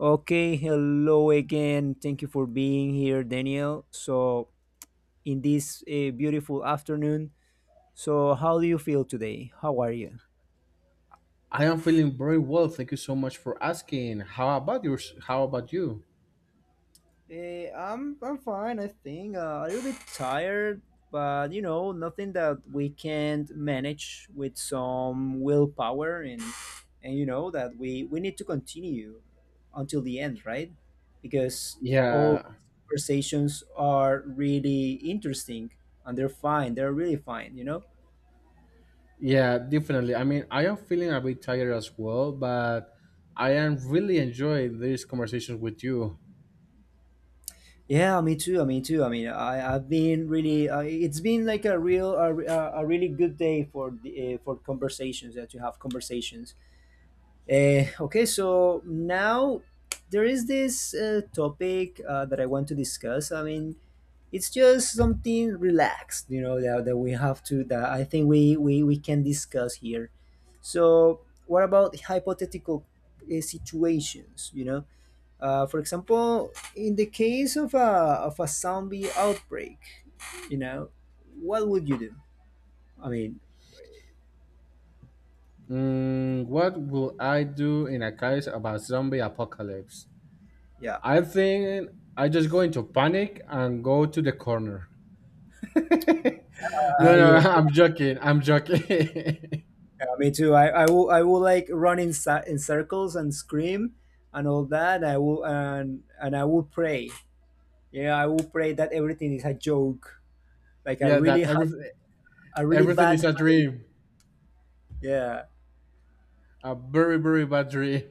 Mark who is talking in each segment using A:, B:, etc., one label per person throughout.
A: Okay, hello again. Thank you for being here, Daniel. So, in this beautiful afternoon, so how do you feel today? How are you?
B: I am feeling very well. Thank you so much for asking. How about yours? How about you?
A: I'm fine. I think a little bit tired, but you know, nothing that we can't manage with some willpower and you know that we need to continue until the end, right? Because all
B: Yeah,
A: conversations are really interesting and they're fine. They're really fine, you know.
B: yeah, definitely. I mean, I am feeling a bit tired as well, but I am really enjoying these conversations with you.
A: Yeah, me too. Me too. I mean, I've been really. It's been like a real a really good day for the for conversations that you have conversations. Okay, so now there is this topic that I want to discuss. I mean, it's just something relaxed, you know, that we have to, that I think we can discuss here. So, what about hypothetical situations, you know? For example, in the case of of a zombie outbreak, you know, what would you do? I mean,
B: Mm, what will I do in a case about zombie apocalypse?
A: yeah.
B: I think I just go into panic and go to the corner. No, no,
A: Yeah.
B: I'm joking. I'm joking.
A: Yeah, me too. I will I will like run in in circles and scream and all that. I will and I will pray. Yeah, I will pray that everything is a joke, like a
B: Yeah, that
A: really hard,
B: everything
A: a really
B: everything
A: bad.
B: is a
A: ha-
B: dream,
A: Yeah.
B: a very, very bad dream.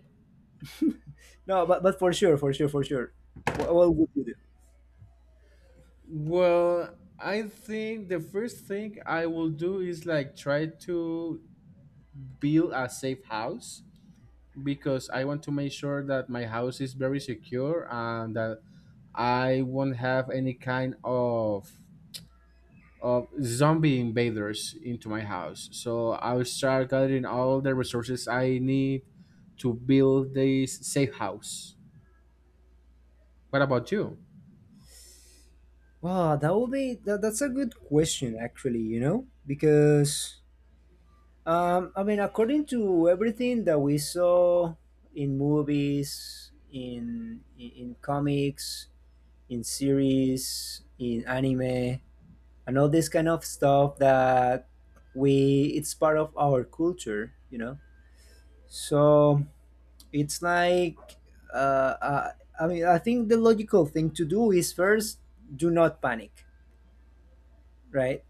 A: No, but for sure, for sure, for sure. What would you do?
B: Well, I think the first thing I will do is like try to build a safe house because I want to make sure that my house is very secure and that I won't have any kind of zombie invaders into my house. So I'll start gathering all the resources I need to build this safe house. What about you?
A: Wow, that would be that's a good question actually. You know because I mean according to everything that we saw in movies in comics in series, in anime, and all this kind of stuff that we it's part of our culture, you know. So it's like uh, uh, I mean, I think the logical thing to do is first do not panic, right?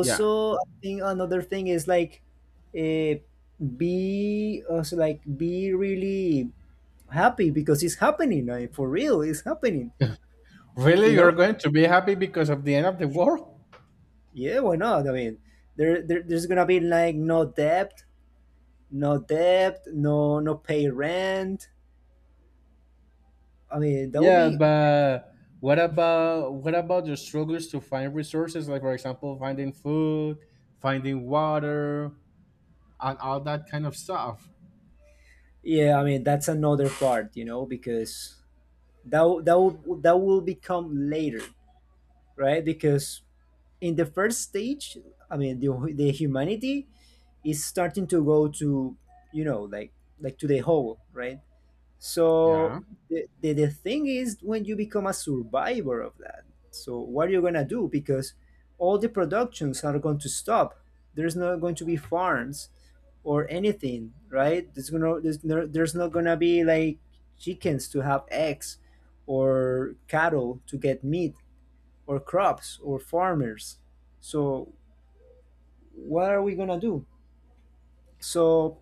B: Yeah.
A: I think another thing is like uh, be also like be really happy because it's happening like, for real it's happening
B: Really,
A: you
B: you're
A: know.
B: going to be happy because of the end of the world?
A: Yeah, why not? I mean, there's gonna be like no debt, no debt, no no pay rent. I mean, that will
B: Yeah,
A: be
B: but what about the struggles to find resources? Like for example, finding food, finding water, and all that kind of stuff.
A: yeah. I mean, that's another part, you know, because that will become later, right? Because in the first stage, I mean, the humanity is starting to go to you know like to the whole, right?
B: Yeah.
A: So the thing is when you become a survivor of that. So what are you gonna do? Because all the productions are going to stop. There's not going to be farms or anything, right? There's not gonna be like chickens to have eggs or cattle to get meat or crops or farmers. So what are we gonna do? So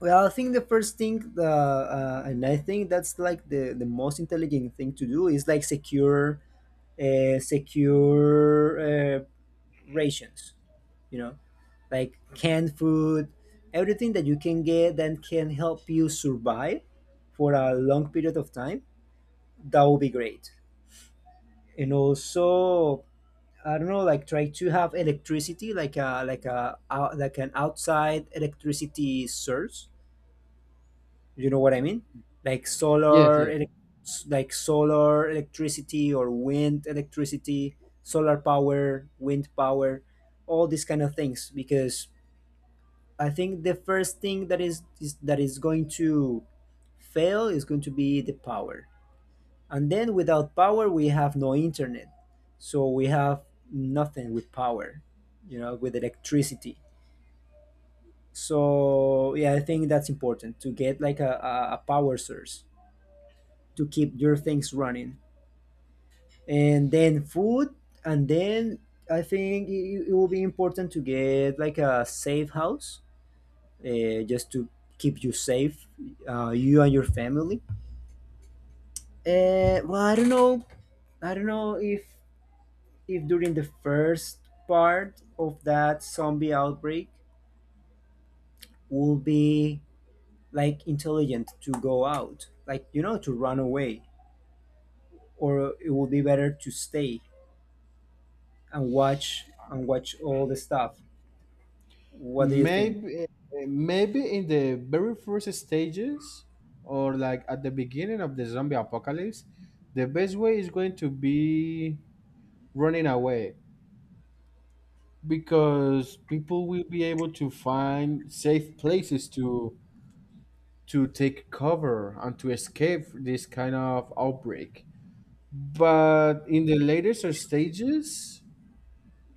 A: well, I think the first thing, and I think that's like the most intelligent thing to do is like secure, uh, secure uh, rations. You know, like canned food, everything that you can get that can help you survive for a long period of time. That would be great. And also, I don't know, like try to have electricity, like a out like an outside electricity source. You know what I mean? Like
B: Yes. Yes.
A: like solar electricity or wind electricity, solar power, wind power, all these kind of things. Because I think the first thing is that is going to fail is going to be the power. And then without power, we have no internet. So we have nothing with power, you know, with electricity. So yeah, I think that's important to get like a power source to keep your things running. And then food, and then I think it will be important to get like a safe house just to keep you safe, you and your family. Well, I don't know. I don't know if during the first part of that zombie outbreak will be like intelligent to go out, like you know, to run away, or it will be better to stay and watch and watch all the stuff. What do you think?
B: Maybe maybe in the very first stages, or like at the beginning of the zombie apocalypse, the best way is going to be running away because people will be able to find safe places to take cover and to escape this kind of outbreak. But in the later stages,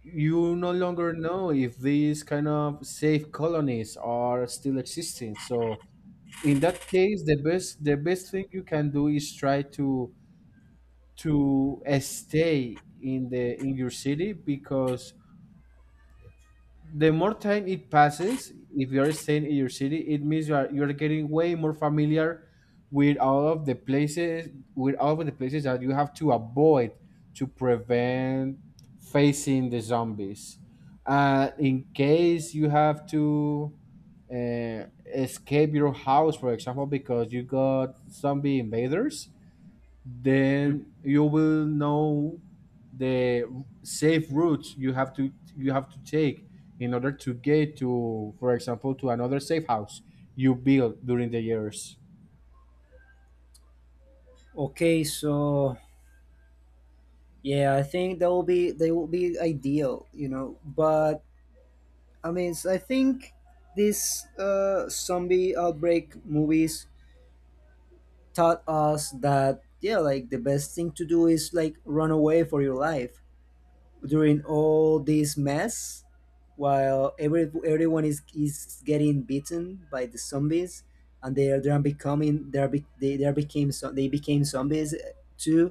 B: you no longer know if these kind of safe colonies are still existing. So in that case, the best thing you can do is try to stay in the in your city because the more time it passes, if you're staying in your city, it means you're getting way more familiar with all of the places with all of the places that you have to avoid to prevent facing the zombies. In case you have to uh, escape your house, for example, because you got zombie invaders,
A: Mm.
B: then you will know the safe routes you have to take in order to get to, for example, to another safe house you build during the years.
A: Okay, so yeah, I think that will be they will be ideal, you know. But I mean, I think these zombie outbreak movies taught us that yeah, like the best thing to do is like run away for your life during all this mess while everyone is getting beaten by the zombies and they are becoming they are became so they became zombies too,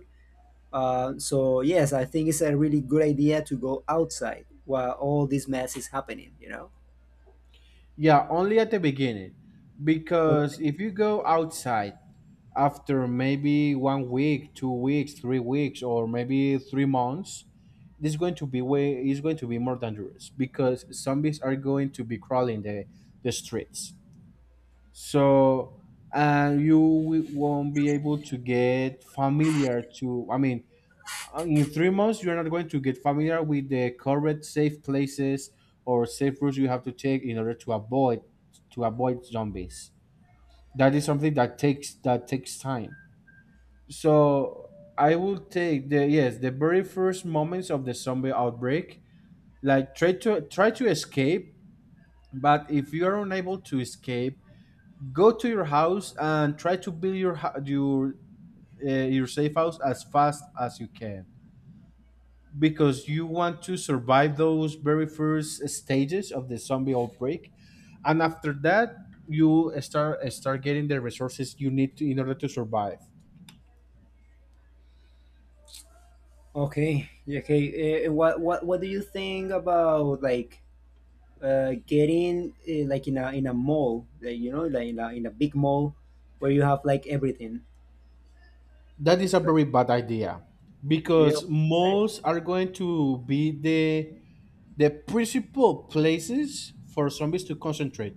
A: so yes, I think it's a really good idea to go outside while all this mess is happening, you know.
B: Yeah, only at the beginning,
A: Or-
B: because if you go outside after maybe 1 week, 2 weeks, 3 weeks, or maybe 3 months, this is going to be more dangerous because zombies are going to be crawling the streets. So you won't be able to get familiar to, I mean, in 3 months you're not going to get familiar with the correct safe places or safe routes you have to take in order to avoid zombies. That is something that takes time. So I will take the, yes, the very first moments of the zombie outbreak, like try to escape. But if you are unable to escape, go to your house and try to build your your safe house as fast as you can, because you want to survive those very first stages of the zombie outbreak. And after that you start getting the resources you need to, in order to survive.
A: okay, yeah, okay, what do you think about like getting like in a mall like, you know, like in a big mall where you have like everything.
B: That is a very bad idea
A: Yep.
B: because malls are going to be the principal places for zombies to concentrate.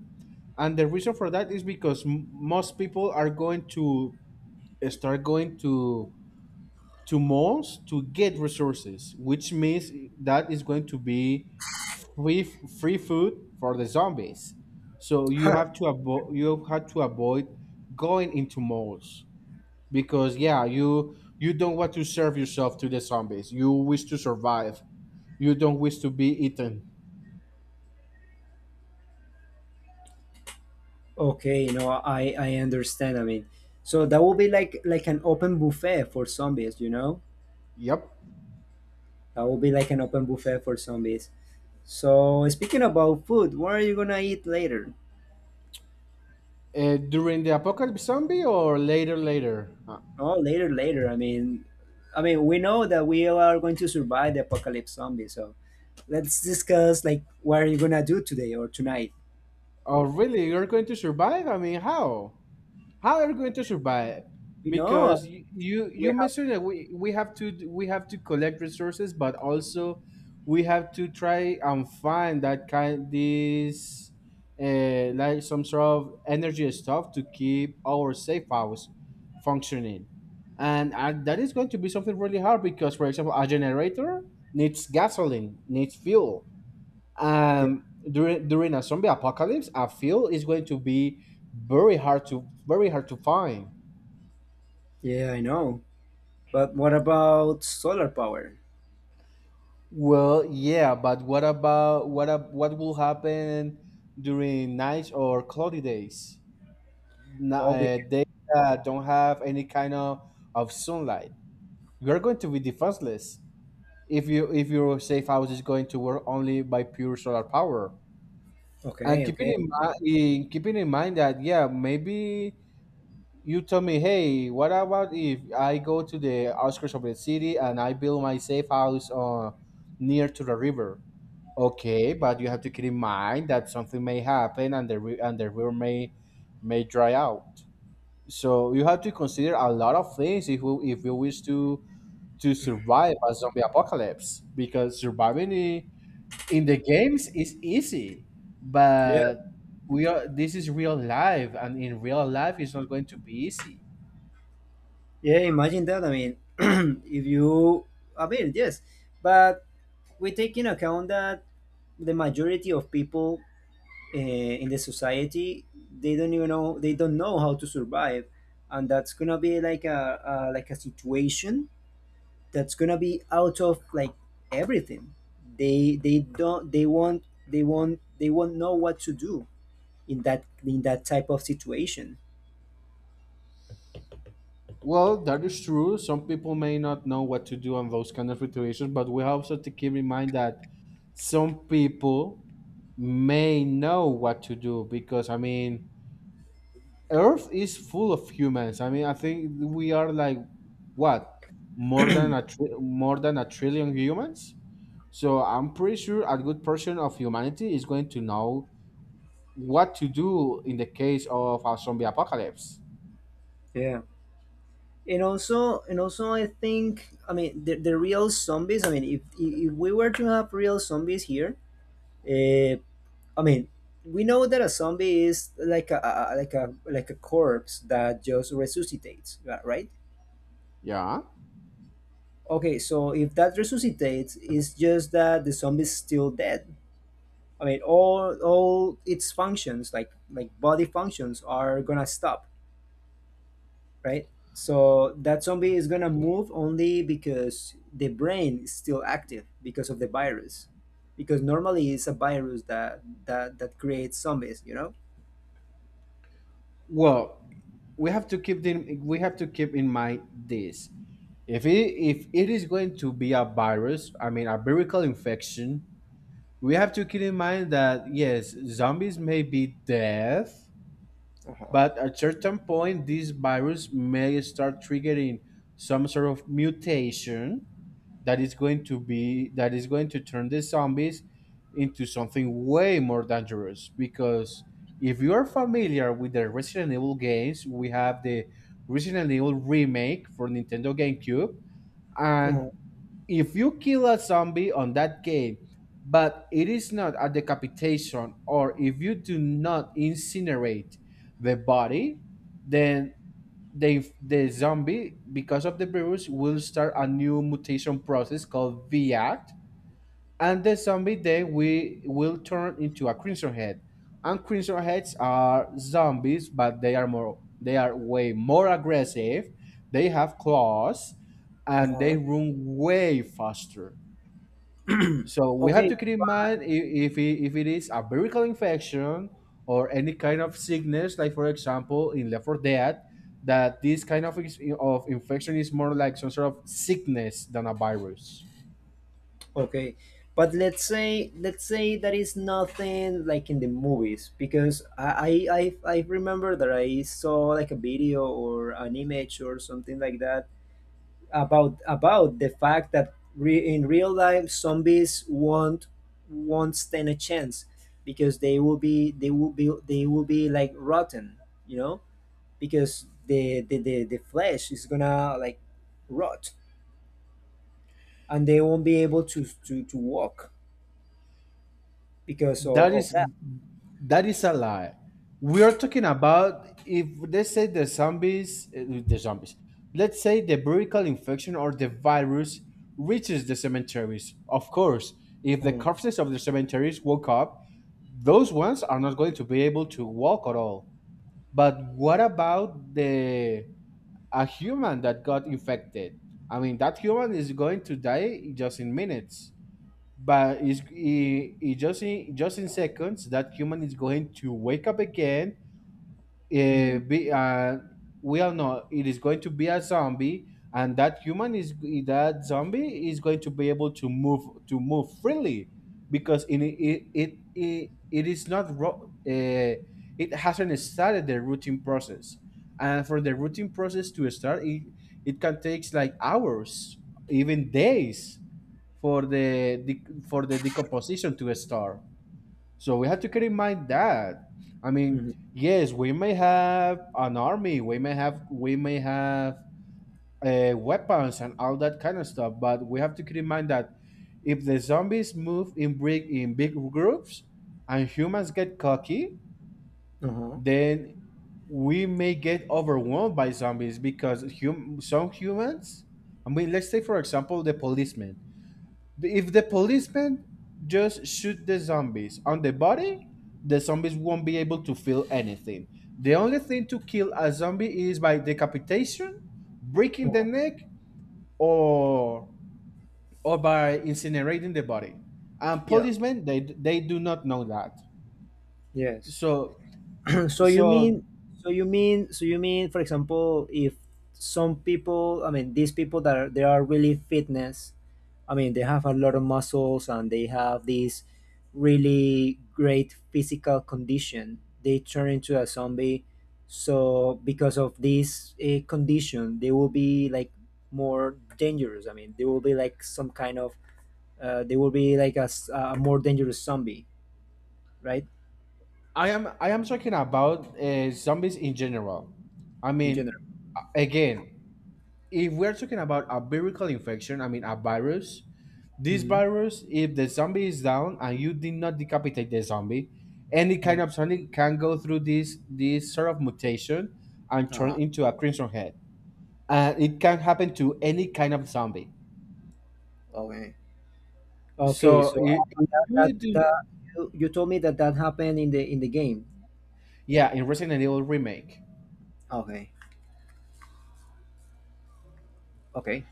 B: And the reason for that is because most people are going to start going to malls to get resources, which means that is going to be free free food for the zombies. So you have to avoid going into malls, because yeah, you don't want to serve yourself to the zombies. You wish to survive. You don't wish to be eaten.
A: Okay, you know, I understand. I mean, so that will be like an open buffet for zombies, you know?
B: Yep.
A: That will be like an open buffet for zombies. So speaking about food, what are you gonna eat later?
B: During the apocalypse zombie or later later?
A: Oh, later, later. I mean, we know that we are going to survive the apocalypse zombie. So let's discuss like what are you gonna do today or tonight?
B: Oh really? You're going to survive? I mean, how? How are we going to survive,
A: You know,
B: because you
A: we
B: you
A: have
B: mentioned that we have to we have to collect resources, but also we have to try and find that kind this, like some sort of energy stuff to keep our safe house functioning. And that is going to be something really hard because, for example, a generator needs gasoline, needs fuel.
A: the,
B: During a zombie apocalypse I feel it's going to be very hard to find.
A: yeah, I know. But what about solar power?
B: Well, yeah, but what about what will happen during nights or cloudy days?
A: Oh, be-
B: Days that don't have any kind of sunlight, you're going to be defenseless if you if your safe house is going to work only by pure solar power. And
A: okay,
B: keeping
A: okay.
B: in mind keeping in mind that, yeah, maybe you tell me, hey, what about if I go to the outskirts of the city and I build my safe house near to the river? Okay, but you have to keep in mind that something may happen and the river may dry out. So you have to consider a lot of things if if you wish to survive a zombie apocalypse, because in the games is easy, but we are, this is real life, and in real life it's not going to be easy.
A: Yeah, imagine that. I mean, if you, I mean, yes, but we take in account that the majority of people uh, in the society they don't even know they don't know how to survive, and that's gonna be like a like a situation that's gonna be out of like everything. They don't they won't they won't they won't know what to do in that type of situation.
B: Well, that is true. Some people may not know what to do on those kind of situations, but we also have to keep in mind that some people may know what to do, because I mean, Earth is full of humans. I mean, I think we are like what, more than a trillion humans. So I'm pretty sure a good portion of humanity is going to know what to do in the case of a zombie apocalypse.
A: Yeah. And also, I think I mean the real zombies. I mean, if we were to have real zombies here, uh, I mean, we know that a zombie is like a like a like a corpse that just resuscitates, right?
B: Yeah.
A: Okay, so if that resuscitates, it's just that the zombie is still dead. I mean, all its functions, like body functions, are gonna stop, right? So that zombie is gonna move only because the brain is still active because of the virus. Because normally it's a virus that creates zombies, you know?
B: Well, we have to keep in mind this. If it is going to be a virus, I mean a viral infection, we have to keep in mind that yes, zombies may be death,
A: Uh-huh.
B: but at certain point this virus may start triggering some sort of mutation that is going to turn the zombies into something way more dangerous. Because if you are familiar with the Resident Evil games, we have the Resident Evil remake for Nintendo GameCube. And
A: Uh-huh.
B: if you kill a zombie on that game, but it is not a decapitation, or if you do not incinerate the body, then the zombie, because of the virus, will start a new mutation process called VACT, and the zombie then we will turn into a crimson head. And crimson heads are zombies, but they are way more aggressive. They have claws, and they
A: Uh-huh.
B: run way faster. So we have
A: Okay,
B: to keep in mind, if it is a viral infection or any kind of sickness, like for example in Left 4 Dead, that this kind of, of infection is more like some sort of sickness than a virus.
A: okay. But let's say that is nothing like in the movies because I remember that I saw like a video or an image or something like that about the fact that in real life zombies won't stand a chance because they will be like rotten, you know, because the flesh is gonna like rot and they won't be able to to walk because
B: That
A: of
B: is
A: that.
B: that is a lie. We are talking about, if let's say the zombies, Let's say the viral infection or the virus reaches the cemeteries. Of course, if the
A: Mhm.
B: corpses of the cemeteries woke up, those ones are not going to be able to walk at all. But what about the a human that got infected? I mean, that human is going to die just in minutes, but just in seconds. That human is going to wake up again. uh,
A: Mm,
B: be, uh, we all know it is going to be a zombie, and that zombie is going to be able to move freely, because in it it is not uh, it hasn't started the routing process. And for the routing process to it can take like hours, even days, for the decomposition to start. So we have to keep in mind that. I mean,
A: mhm,
B: yes, we may have an army, we may have weapons and all that kind of stuff, but we have to keep in mind that if the zombies move in big groups and humans get cocky,
A: uh-huh.
B: then we may get overwhelmed by zombies because some humans, I mean, let's take for example the policemen, if the policemen just shoot the zombies on the body, the zombies won't be able to feel anything. The only thing to kill a zombie is by decapitation, breaking the
A: Uh-huh.
B: neck, or or by incinerating the body. And
A: Yeah,
B: policemen, they do not know that.
A: yes.
B: So
A: So you
B: so
A: mean, so you mean, for example, if some people, I mean, these people they are really fitness, I mean, they have a lot of muscles and they have this really great physical condition. They turn into a zombie. So because of this condition, they will be like more dangerous. I mean, they will be like some kind of, they will be like a more dangerous zombie, right?
B: I am talking about zombies in general. I
A: In
B: mean,
A: general.
B: again, if we're talking about a viral infection, I mean a virus, this
A: Mm-hmm.
B: virus, if the zombie is down and you did not decapitate the zombie, any kind of zombie can go through this this sort of mutation and turn
A: Uh-huh.
B: into a crimson head. And it can happen to any kind of zombie.
A: Okay. Okay,
B: So
A: so
B: I- if you do,
A: that you told me that that happened in the game.
B: Yeah, in Resident Evil remake.
A: Okay, okay,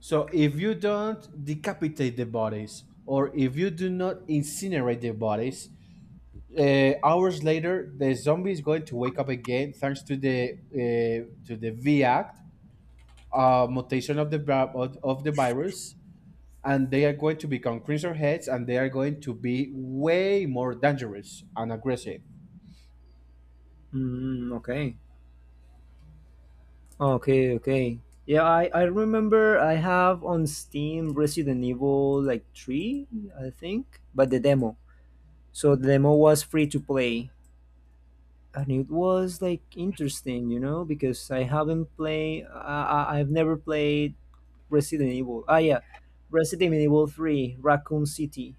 B: So if you don't decapitate the bodies or if you do not incinerate the bodies, hours later the zombie is going to wake up again thanks to the V Act mutation of the of the virus, and they are going to become crimson heads, and they are going to be way more dangerous and aggressive.
A: mm, okay, okay, okay. Yeah, I remember I have on Steam Resident Evil like three, I think, but the demo. So the demo was free to play, and it was like interesting, you know, because I haven't played, I've never played Resident Evil. Ah, yeah, Resident Evil Three, Raccoon City.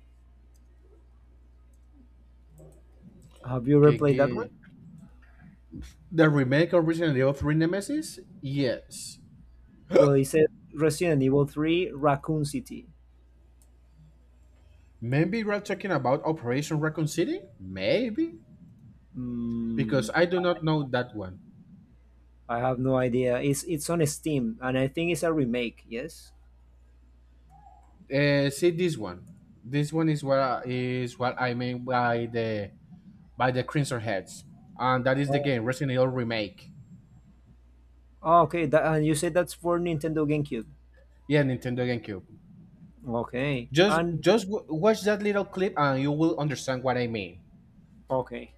A: Have you ever
B: Que-
A: played that one?
B: que- The remake of Resident Evil 3 Nemesis? Yes.
A: Well, it said Resident Evil 3 Raccoon City.
B: Maybe we're talking about Operation Raccoon City? Maybe.
A: Mm,
B: Because I do not know that one.
A: I have no idea. It's on Steam, and I think it's a remake. Yes.
B: See this one. This one is what I mean by the Crimson Heads, and that is the
A: Oh,
B: game Resident Evil remake.
A: oh, okay. That, and you said that's for Nintendo GameCube.
B: Yeah, Nintendo GameCube.
A: Okay.
B: Just
A: And
B: just w- watch that little clip and you will understand what I mean.
A: okay.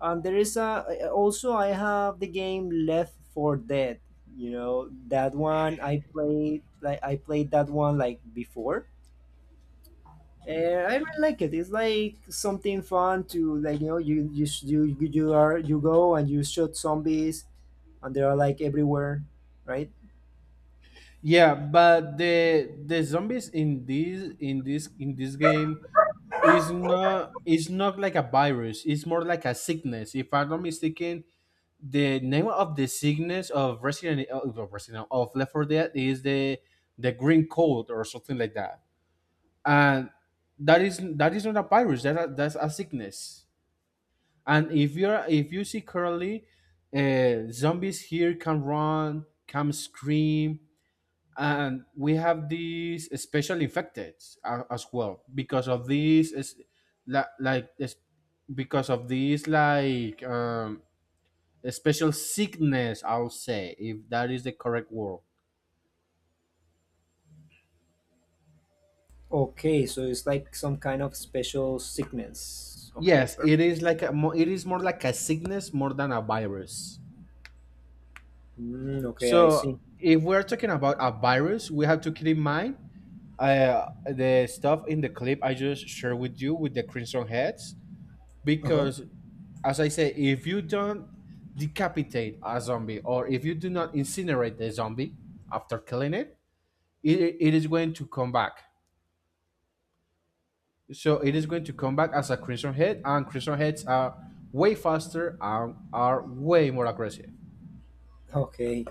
A: And there is a also I have the game Left 4 Dead. You know that one I played. Like I played that one like before. I really like it. It's like something fun to like you know you are you go and you shoot zombies, and they are like everywhere, right?
B: Yeah, but the zombies in this game is not like a virus. It's more like a sickness. If I'm not mistaken, the name of the sickness of Resident E, of Resident of Left 4 Dead is the green cold or something like that. And that is not a virus. That's a sickness. And if you're if you see currently, zombies here can run, can scream, and we have these special infected as well because of these is la- like is- because of these like special sickness. I'll say if that is the correct word.
A: Okay, so it's like some kind of special sickness.
B: Yes, it is like a it is more like a sickness more than a virus.
A: Mm, okay, I
B: So
A: see.
B: if we're talking about a virus, we have to keep in mind the stuff in the clip I just shared with you with the Crimson Heads.
A: Uh huh.
B: Because, as I say, if you don't decapitate a zombie or if you do not incinerate the zombie after killing it, it is going to come back. So it is going to come back as a Crimson Head, and Crimson Heads are way faster and are way more aggressive.
A: Okay.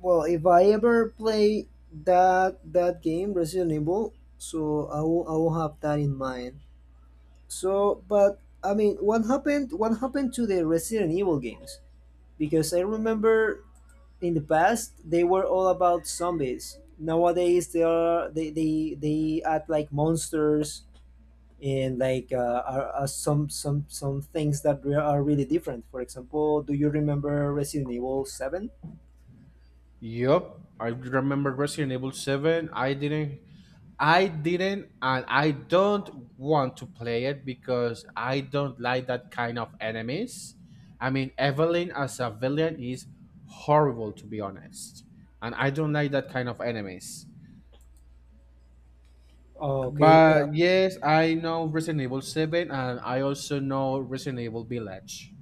A: Well, if I ever play that game, Resident Evil, so I will have that in mind. So, but I mean, what happened? What happened to the Resident Evil games? Because I remember in the past they were all about zombies. Nowadays they are they act like monsters and like are some things that are really different. For example, do you remember Resident Evil 7?
B: Yup, I remember Resident Evil 7. I didn't, and I don't want to play it because I don't like that kind of enemies. I mean, Evelyn as a villain is horrible, to be honest, and I don't like that kind of enemies.
A: Oh okay uh,
B: But yes, I know Resident Evil 7, and I also know Resident Evil Village.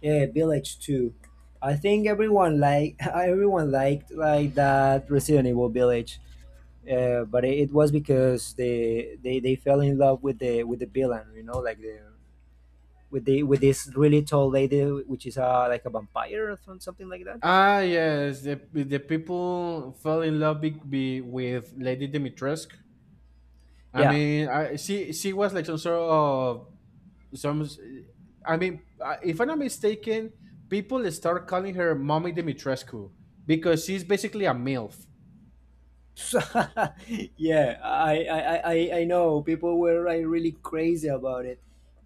A: yeah, Village 2, I think everyone like everyone liked like that Resident Evil Village. Uh, but it was because they fell in love with the villain, you know, like the with this really tall lady, which is like a vampire or something like that.
B: Ah, yes, the people fell in love with Lady Dimitrescu. I
A: Yeah.
B: mean, she was like some sort of some, I mean, if I'm not mistaken, people start calling her Mommy Dimitrescu because she's basically a MILF.
A: Yeah, I know people were like really crazy about it.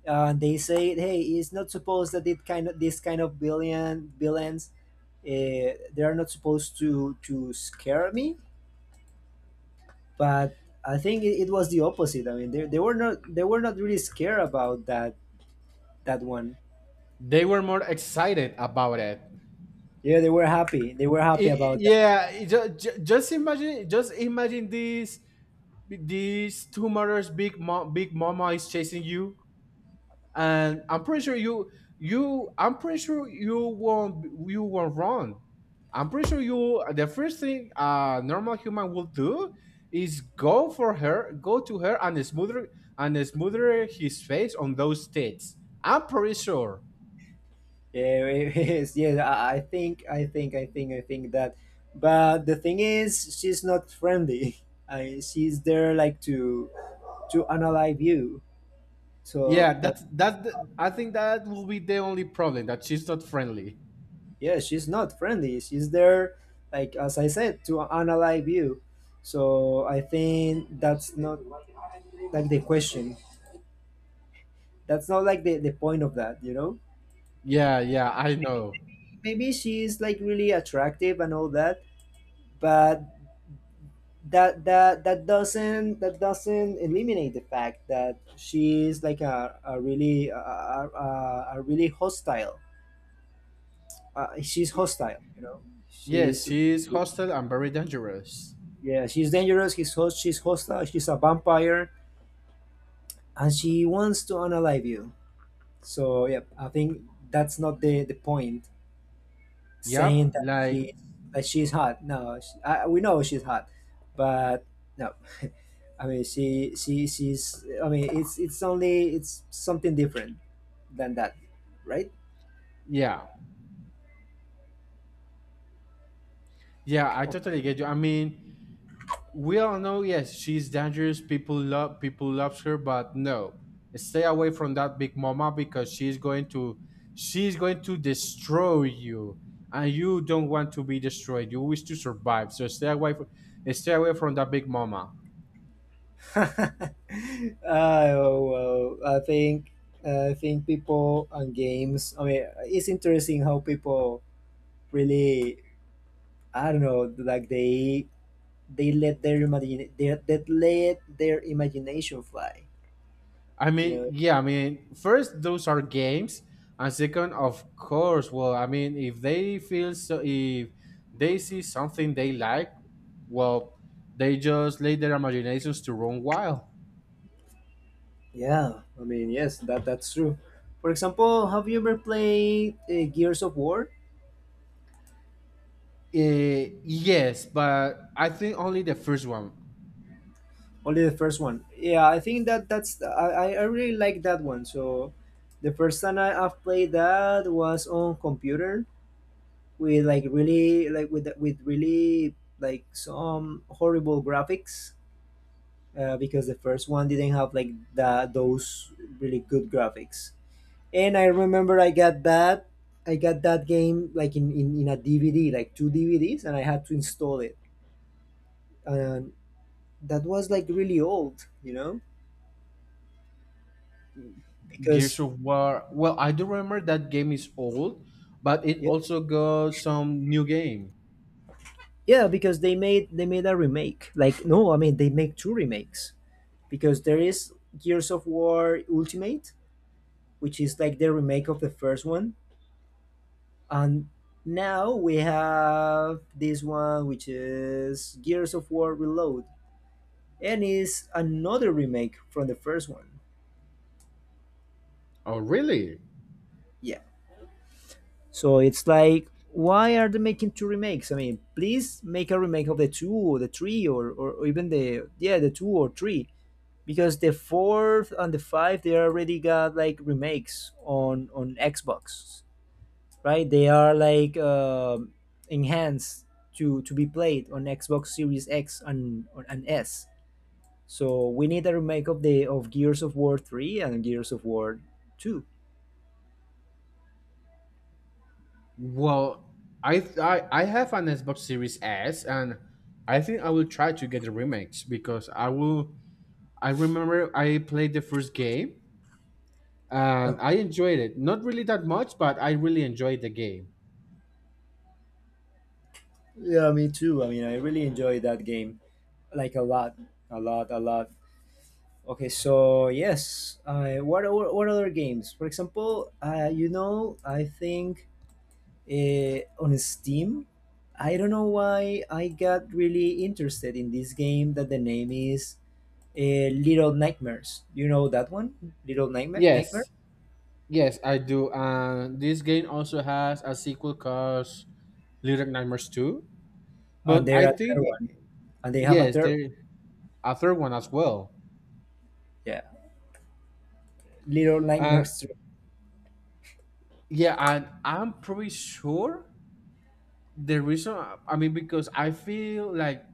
A: They say, hey, it's not supposed that it kind of this kind of billion villains, they are not supposed to scare me. But I think it was the opposite. I mean, they were not really scared about that one.
B: They were more excited about it.
A: Yeah, they were happy. They were happy about that.
B: Yeah, just imagine this, these two mothers, big mom, big mama is chasing you, and I'm pretty sure you won't wrong. I'm pretty sure you the first thing a normal human will do is go for her, go to her and smother his face on those tits. I'm pretty sure.
A: Yeah, it is. Yes, I think, I think, I think, I think that. But the thing is, she's not friendly. She's there like to analyze you. So
B: Yeah,
A: that,
B: that's I think that will be the only problem, that she's not friendly.
A: yeah, she's not friendly. She's there, like as I said, to analyze you. So I think that's not like the question. That's not like the point of that, you know?
B: Yeah, yeah, I know.
A: Maybe she's like really attractive and all that, but that doesn't eliminate the fact that she is like a really a really hostile she's hostile, you know,
B: Yes,
A: she's
B: she's hostile and very dangerous.
A: yeah she's dangerous, she's hostile, she's a vampire, and she wants to unalive you. So yeah, I think that's not the point saying
B: Yep,
A: that
B: like
A: she that she's hot. No, we know she's hot, but no. I mean, she's. I mean, it's only it's something different than that, right?
B: yeah. Yeah, I
A: Oh.
B: totally get you. I mean, we all know, yes, she's dangerous, people love, people loves her, but no, stay away from that big mama because she's going to destroy you, and you don't want to be destroyed, you wish to survive, so stay away from that big mama.
A: Ah, well, I think, I think people and games. I mean, it's interesting how people really. I don't know, like they let their imagine they let their imagination fly.
B: I
A: You
B: mean,
A: know?
B: yeah, I mean first, those are games, and second, of course, well, I mean, if they feel so if they see something they like, well, they just let their imaginations to run wild.
A: Yeah. I mean, yes, that that's true. For example, have you ever played Gears of War?
B: Eh, yes, but I think only the first one.
A: Only the first one. Yeah, I think that that's I really like that one. So the first time I've played that was on computer with like really like with really like some horrible graphics because the first one didn't have like those really good graphics. And I remember I got that game like in a DVD, like two DVDs, and I had to install it. And that was like really old, you know, because
B: Gears of War. Well, I do remember that game is old, but it
A: yeah.
B: also got some new game.
A: Yeah, because they made a remake. Like no, I mean they make two remakes because there is Gears of War Ultimate, which is like the remake of the first one, and now we have this one which is Gears of War Reload, and is another remake from the first one.
B: Oh, really?
A: Yeah. So it's like why are they making two remakes? I mean, please make a remake of the two or the three or even the yeah, the two or three, because the fourth and the five they already got like remakes on Xbox, right? They are like enhanced to be played on Xbox Series X and S. So we need a remake of the of Gears of War three and Gears of War two.
B: Well, I have an Xbox Series S, and I think I will try to get the remakes because I will. I remember I played the first game and
A: Um,
B: I enjoyed it. Not really that much, but I really enjoyed the game.
A: yeah, me too. I mean, I really enjoyed that game, like a lot, a lot, a lot. Okay, so yes, what other games? For example, you know, I think on Steam. I don't know why I got really interested in this game that the name is Little Nightmares. You know that one? Little Nightmare? Nightmare?
B: Yes, Yes, I do. And this game also has a sequel called Little Nightmares 2.
A: And
B: But
A: they're
B: I
A: a third
B: think,
A: one. And they have a
B: yes, there
A: third.
B: a third one as well.
A: Yeah. Little
B: Uh,
A: Nightmares 3.
B: yeah, and I'm pretty sure the reason, I mean, because I feel like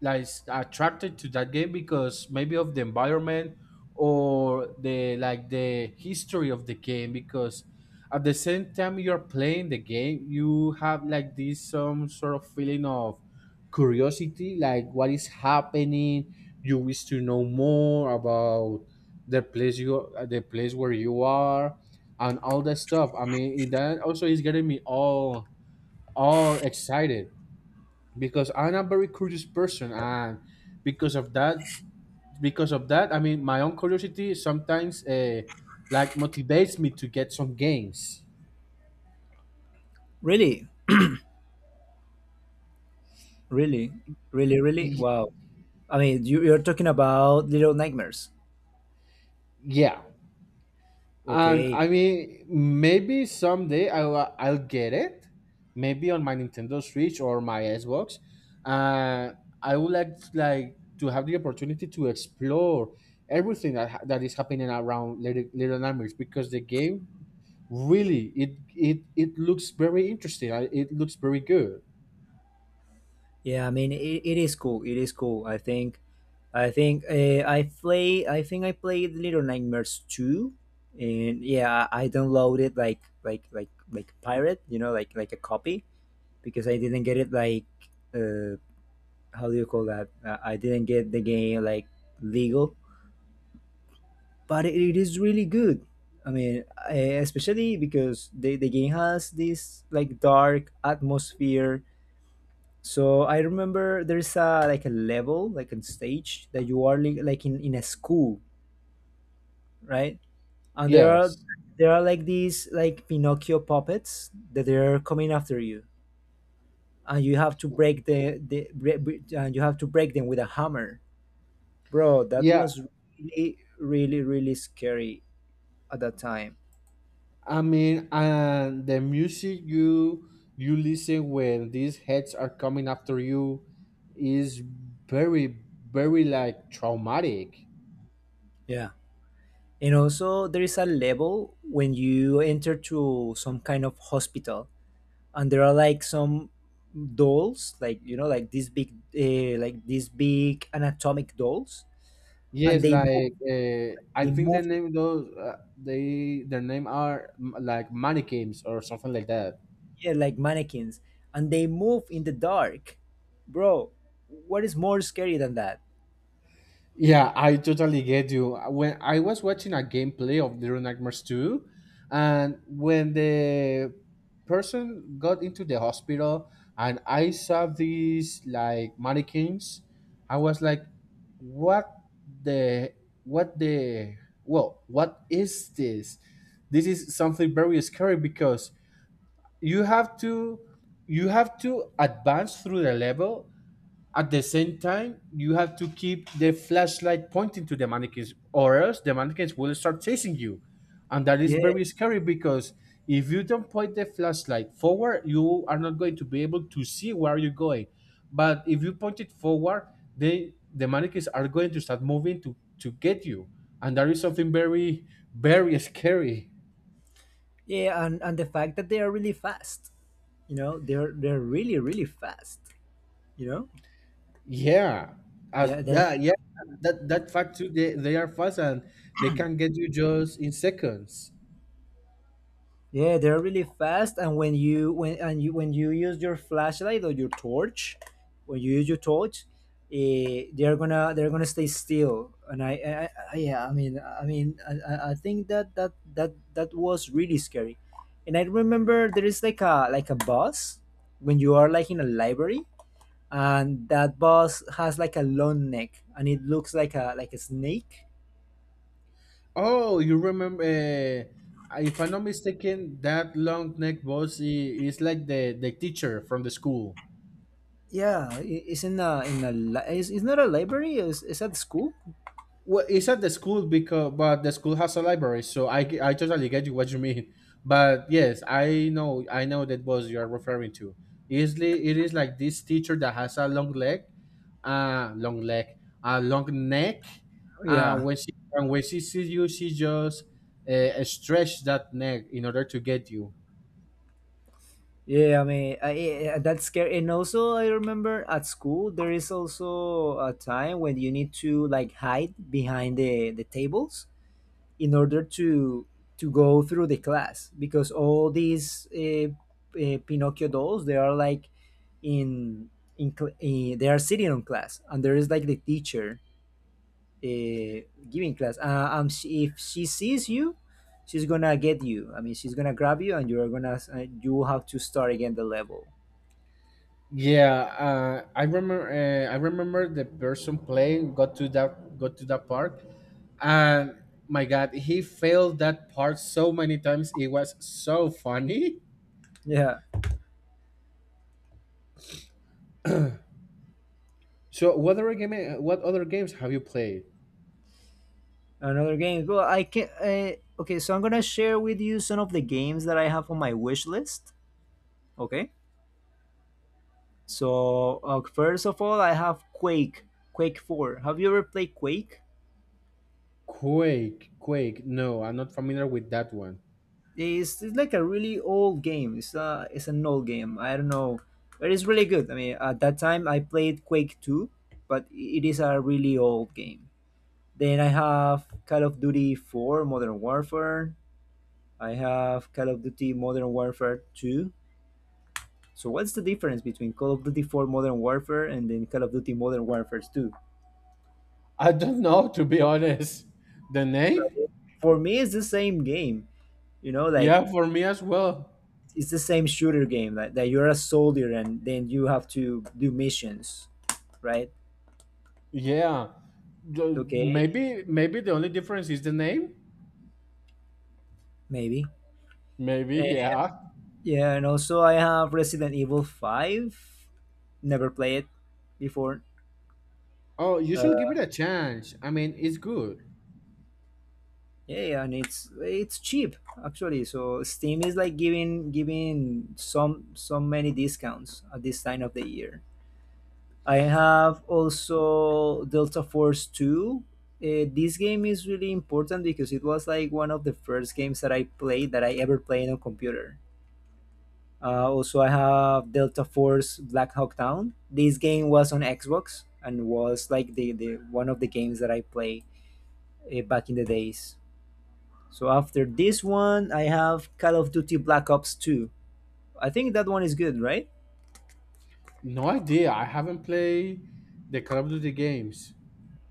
B: attracted to that game because maybe of the environment or the like the history of the game, because at the same time you're playing the game you have like this some sort of feeling of curiosity, like what is happening, you wish to know more about the place where you are and all that stuff. I mean, that also is getting me all excited because I'm a very curious person, and because of that, because of that, I mean, my own curiosity sometimes like motivates me to get some games.
A: Really? Really? Really? Really?
B: Y-
A: Wow. I mean, you're talking about Little Nightmares.
B: yeah. And
A: Okay.
B: I mean, maybe someday I'll get it, maybe on my Nintendo Switch or my Xbox. Uh, I would like to have the opportunity to explore everything that is happening around Little Nightmares, because the game really it looks very interesting. It looks very good.
A: Yeah, I mean, it is cool. It is cool. I think I think I played Little Nightmares two, and yeah, I downloaded like pirate, you know, like a copy, because I didn't get it like uh, how do you call that? I didn't get the game like legal, but it is really good. I mean, especially because the game has this like dark atmosphere. So I remember there's a like a level, like on stage that you are like in a school, right? And there are
B: Yes.
A: like these like Pinocchio puppets that they are coming after you, and you have to break the bre- bre- and you have to break them with a hammer, bro. That
B: Yeah,
A: was really really scary at that time.
B: I mean, and the music you you listen when these heads are coming after you is very, very like traumatic.
A: Yeah. And also, there is a level when you enter to some kind of hospital, and there are like some dolls, like, you know, like these big anatomic dolls, and
B: Yes, like I
A: they
B: think the
A: move,
B: name those they their name are like mannequins or something like that.
A: yeah, like mannequins, and they move in the dark, bro. What is more scary than that?
B: Yeah, I totally get you. When I was watching a gameplay of Little Nightmares 2, and when the person got into the hospital and I saw these like mannequins, I was like, what the, what the, well, what is this? This is something very scary because you have to, you have to advance through the level. At the same time, you have to keep the flashlight pointing to the mannequins, or else the mannequins will start chasing you. And that is
A: Yeah
B: very scary because if you don't point the flashlight forward, you are not going to be able to see where you're going. But if you point it forward, then the mannequins are going to start moving to get you. And that is something very, very scary.
A: yeah, and the fact that they are really fast. You know, they're really really fast, you know,
B: Yeah. As
A: they're
B: that, yeah,
A: kind.
B: that, that fact too, they are fast and they can get you just in seconds.
A: Yeah, they're really fast, and when you when and you when you use your flashlight or your torch, when you use your torch, they're gonna stay still. And I yeah, I mean, I think that was really scary. And I remember there is like a boss when you are like in a library, and that boss has like a long neck, and it looks like a snake.
B: Oh, you remember? If I'm not mistaken, that long neck boss is like the teacher from the school.
A: Yeah, it's in a it's not a library. It's at school.
B: Well, it's at the school, because but the school has a library, so I totally get you what you mean. But yes, I know that boss you are referring to. Easily, it is like this teacher that has a long leg, uh long leg, a long neck. Uh,
A: Yeah.
B: when she when she sees you, she just stretch that neck in order to get you.
A: Yeah, I mean, that's scary. And also, I remember at school there is also a time when you need to like hide behind the tables in order to go through the class because all these Pinocchio dolls, they are like in they are sitting on class and there is like the teacher uh, giving class. She, if she sees you, she's gonna get you. I mean, she's gonna grab you, and you're gonna you have to start again the level.
B: Yeah, I remember the person playing got to that part, and my God, he failed that part so many times. It was so funny.
A: Yeah,
B: So, what other game? What other games have you played?
A: another game. Well, I can. Okay, so I'm gonna share with you some of the games that I have on my wish list. Okay, so first of all, I have Quake. Quake Four. Have you ever played Quake?
B: Quake. No, I'm not familiar with that one.
A: It's like a really old game. It's an old game. I don't know, but it's really good. I mean, at that time I played Quake Two, but it is a really old game. Then I have Call of Duty Four, Modern Warfare. I have Call of Duty Modern Warfare Two. So what's the difference between Call of Duty Four Modern Warfare and then Call of Duty Modern Warfare Two?
B: I don't know, to be honest. The name?
A: Well, for me, it's the same game. You know, like
B: Yeah, for me as well.
A: it's the same shooter game that, that you're a soldier and then you have to do missions, right?
B: Yeah, the-
A: Okay,
B: maybe the only difference is the name.
A: maybe.
B: Maybe,
A: Eh,
B: yeah.
A: yeah, and also I have Resident Evil 5, never played it before.
B: Oh, you should give
A: uh,
B: it a chance. I mean, it's good.
A: yeah, yeah, and it's cheap actually, so Steam is like giving some so many discounts at this time of the year. I have also Delta Force 2. This game is really important because it was like one of the first games that I played, that I ever played on computer. Also, I have Delta Force Black Hawk Down. This game was on Xbox and was like the one of the games that I played back in the days. So after this one, I have Call of Duty Black Ops 2. I think that one is good, right?
B: No idea. I haven't played the Call of Duty games.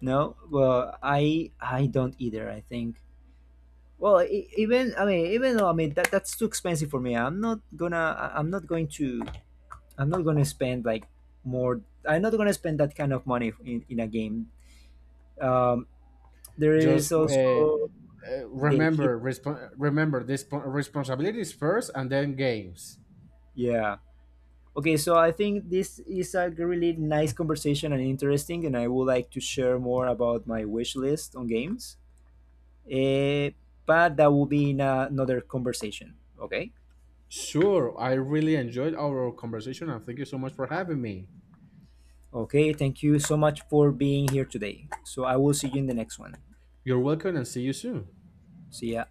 A: No, well, I don't either. I think, well, even, I mean, even though, I mean that that's too expensive for me. I'm not gonna. I'm not going to. I'm not gonna spend like more. I'm not gonna spend that kind of money in a game. Um, there is
B: Just uh, uh,
A: also the hit.
B: remember, resp- remember this, responsibilities first, and then games.
A: Yeah. Okay. So I think this is a really nice conversation and interesting, and I would like to share more about my wish list on games. Eh, but that will be in another conversation. Okay.
B: Sure, I really enjoyed our conversation, and thank you so much for having me.
A: Okay, thank you so much for being here today. So I will see you in the next one.
B: You're welcome, and see you soon.
A: See ya.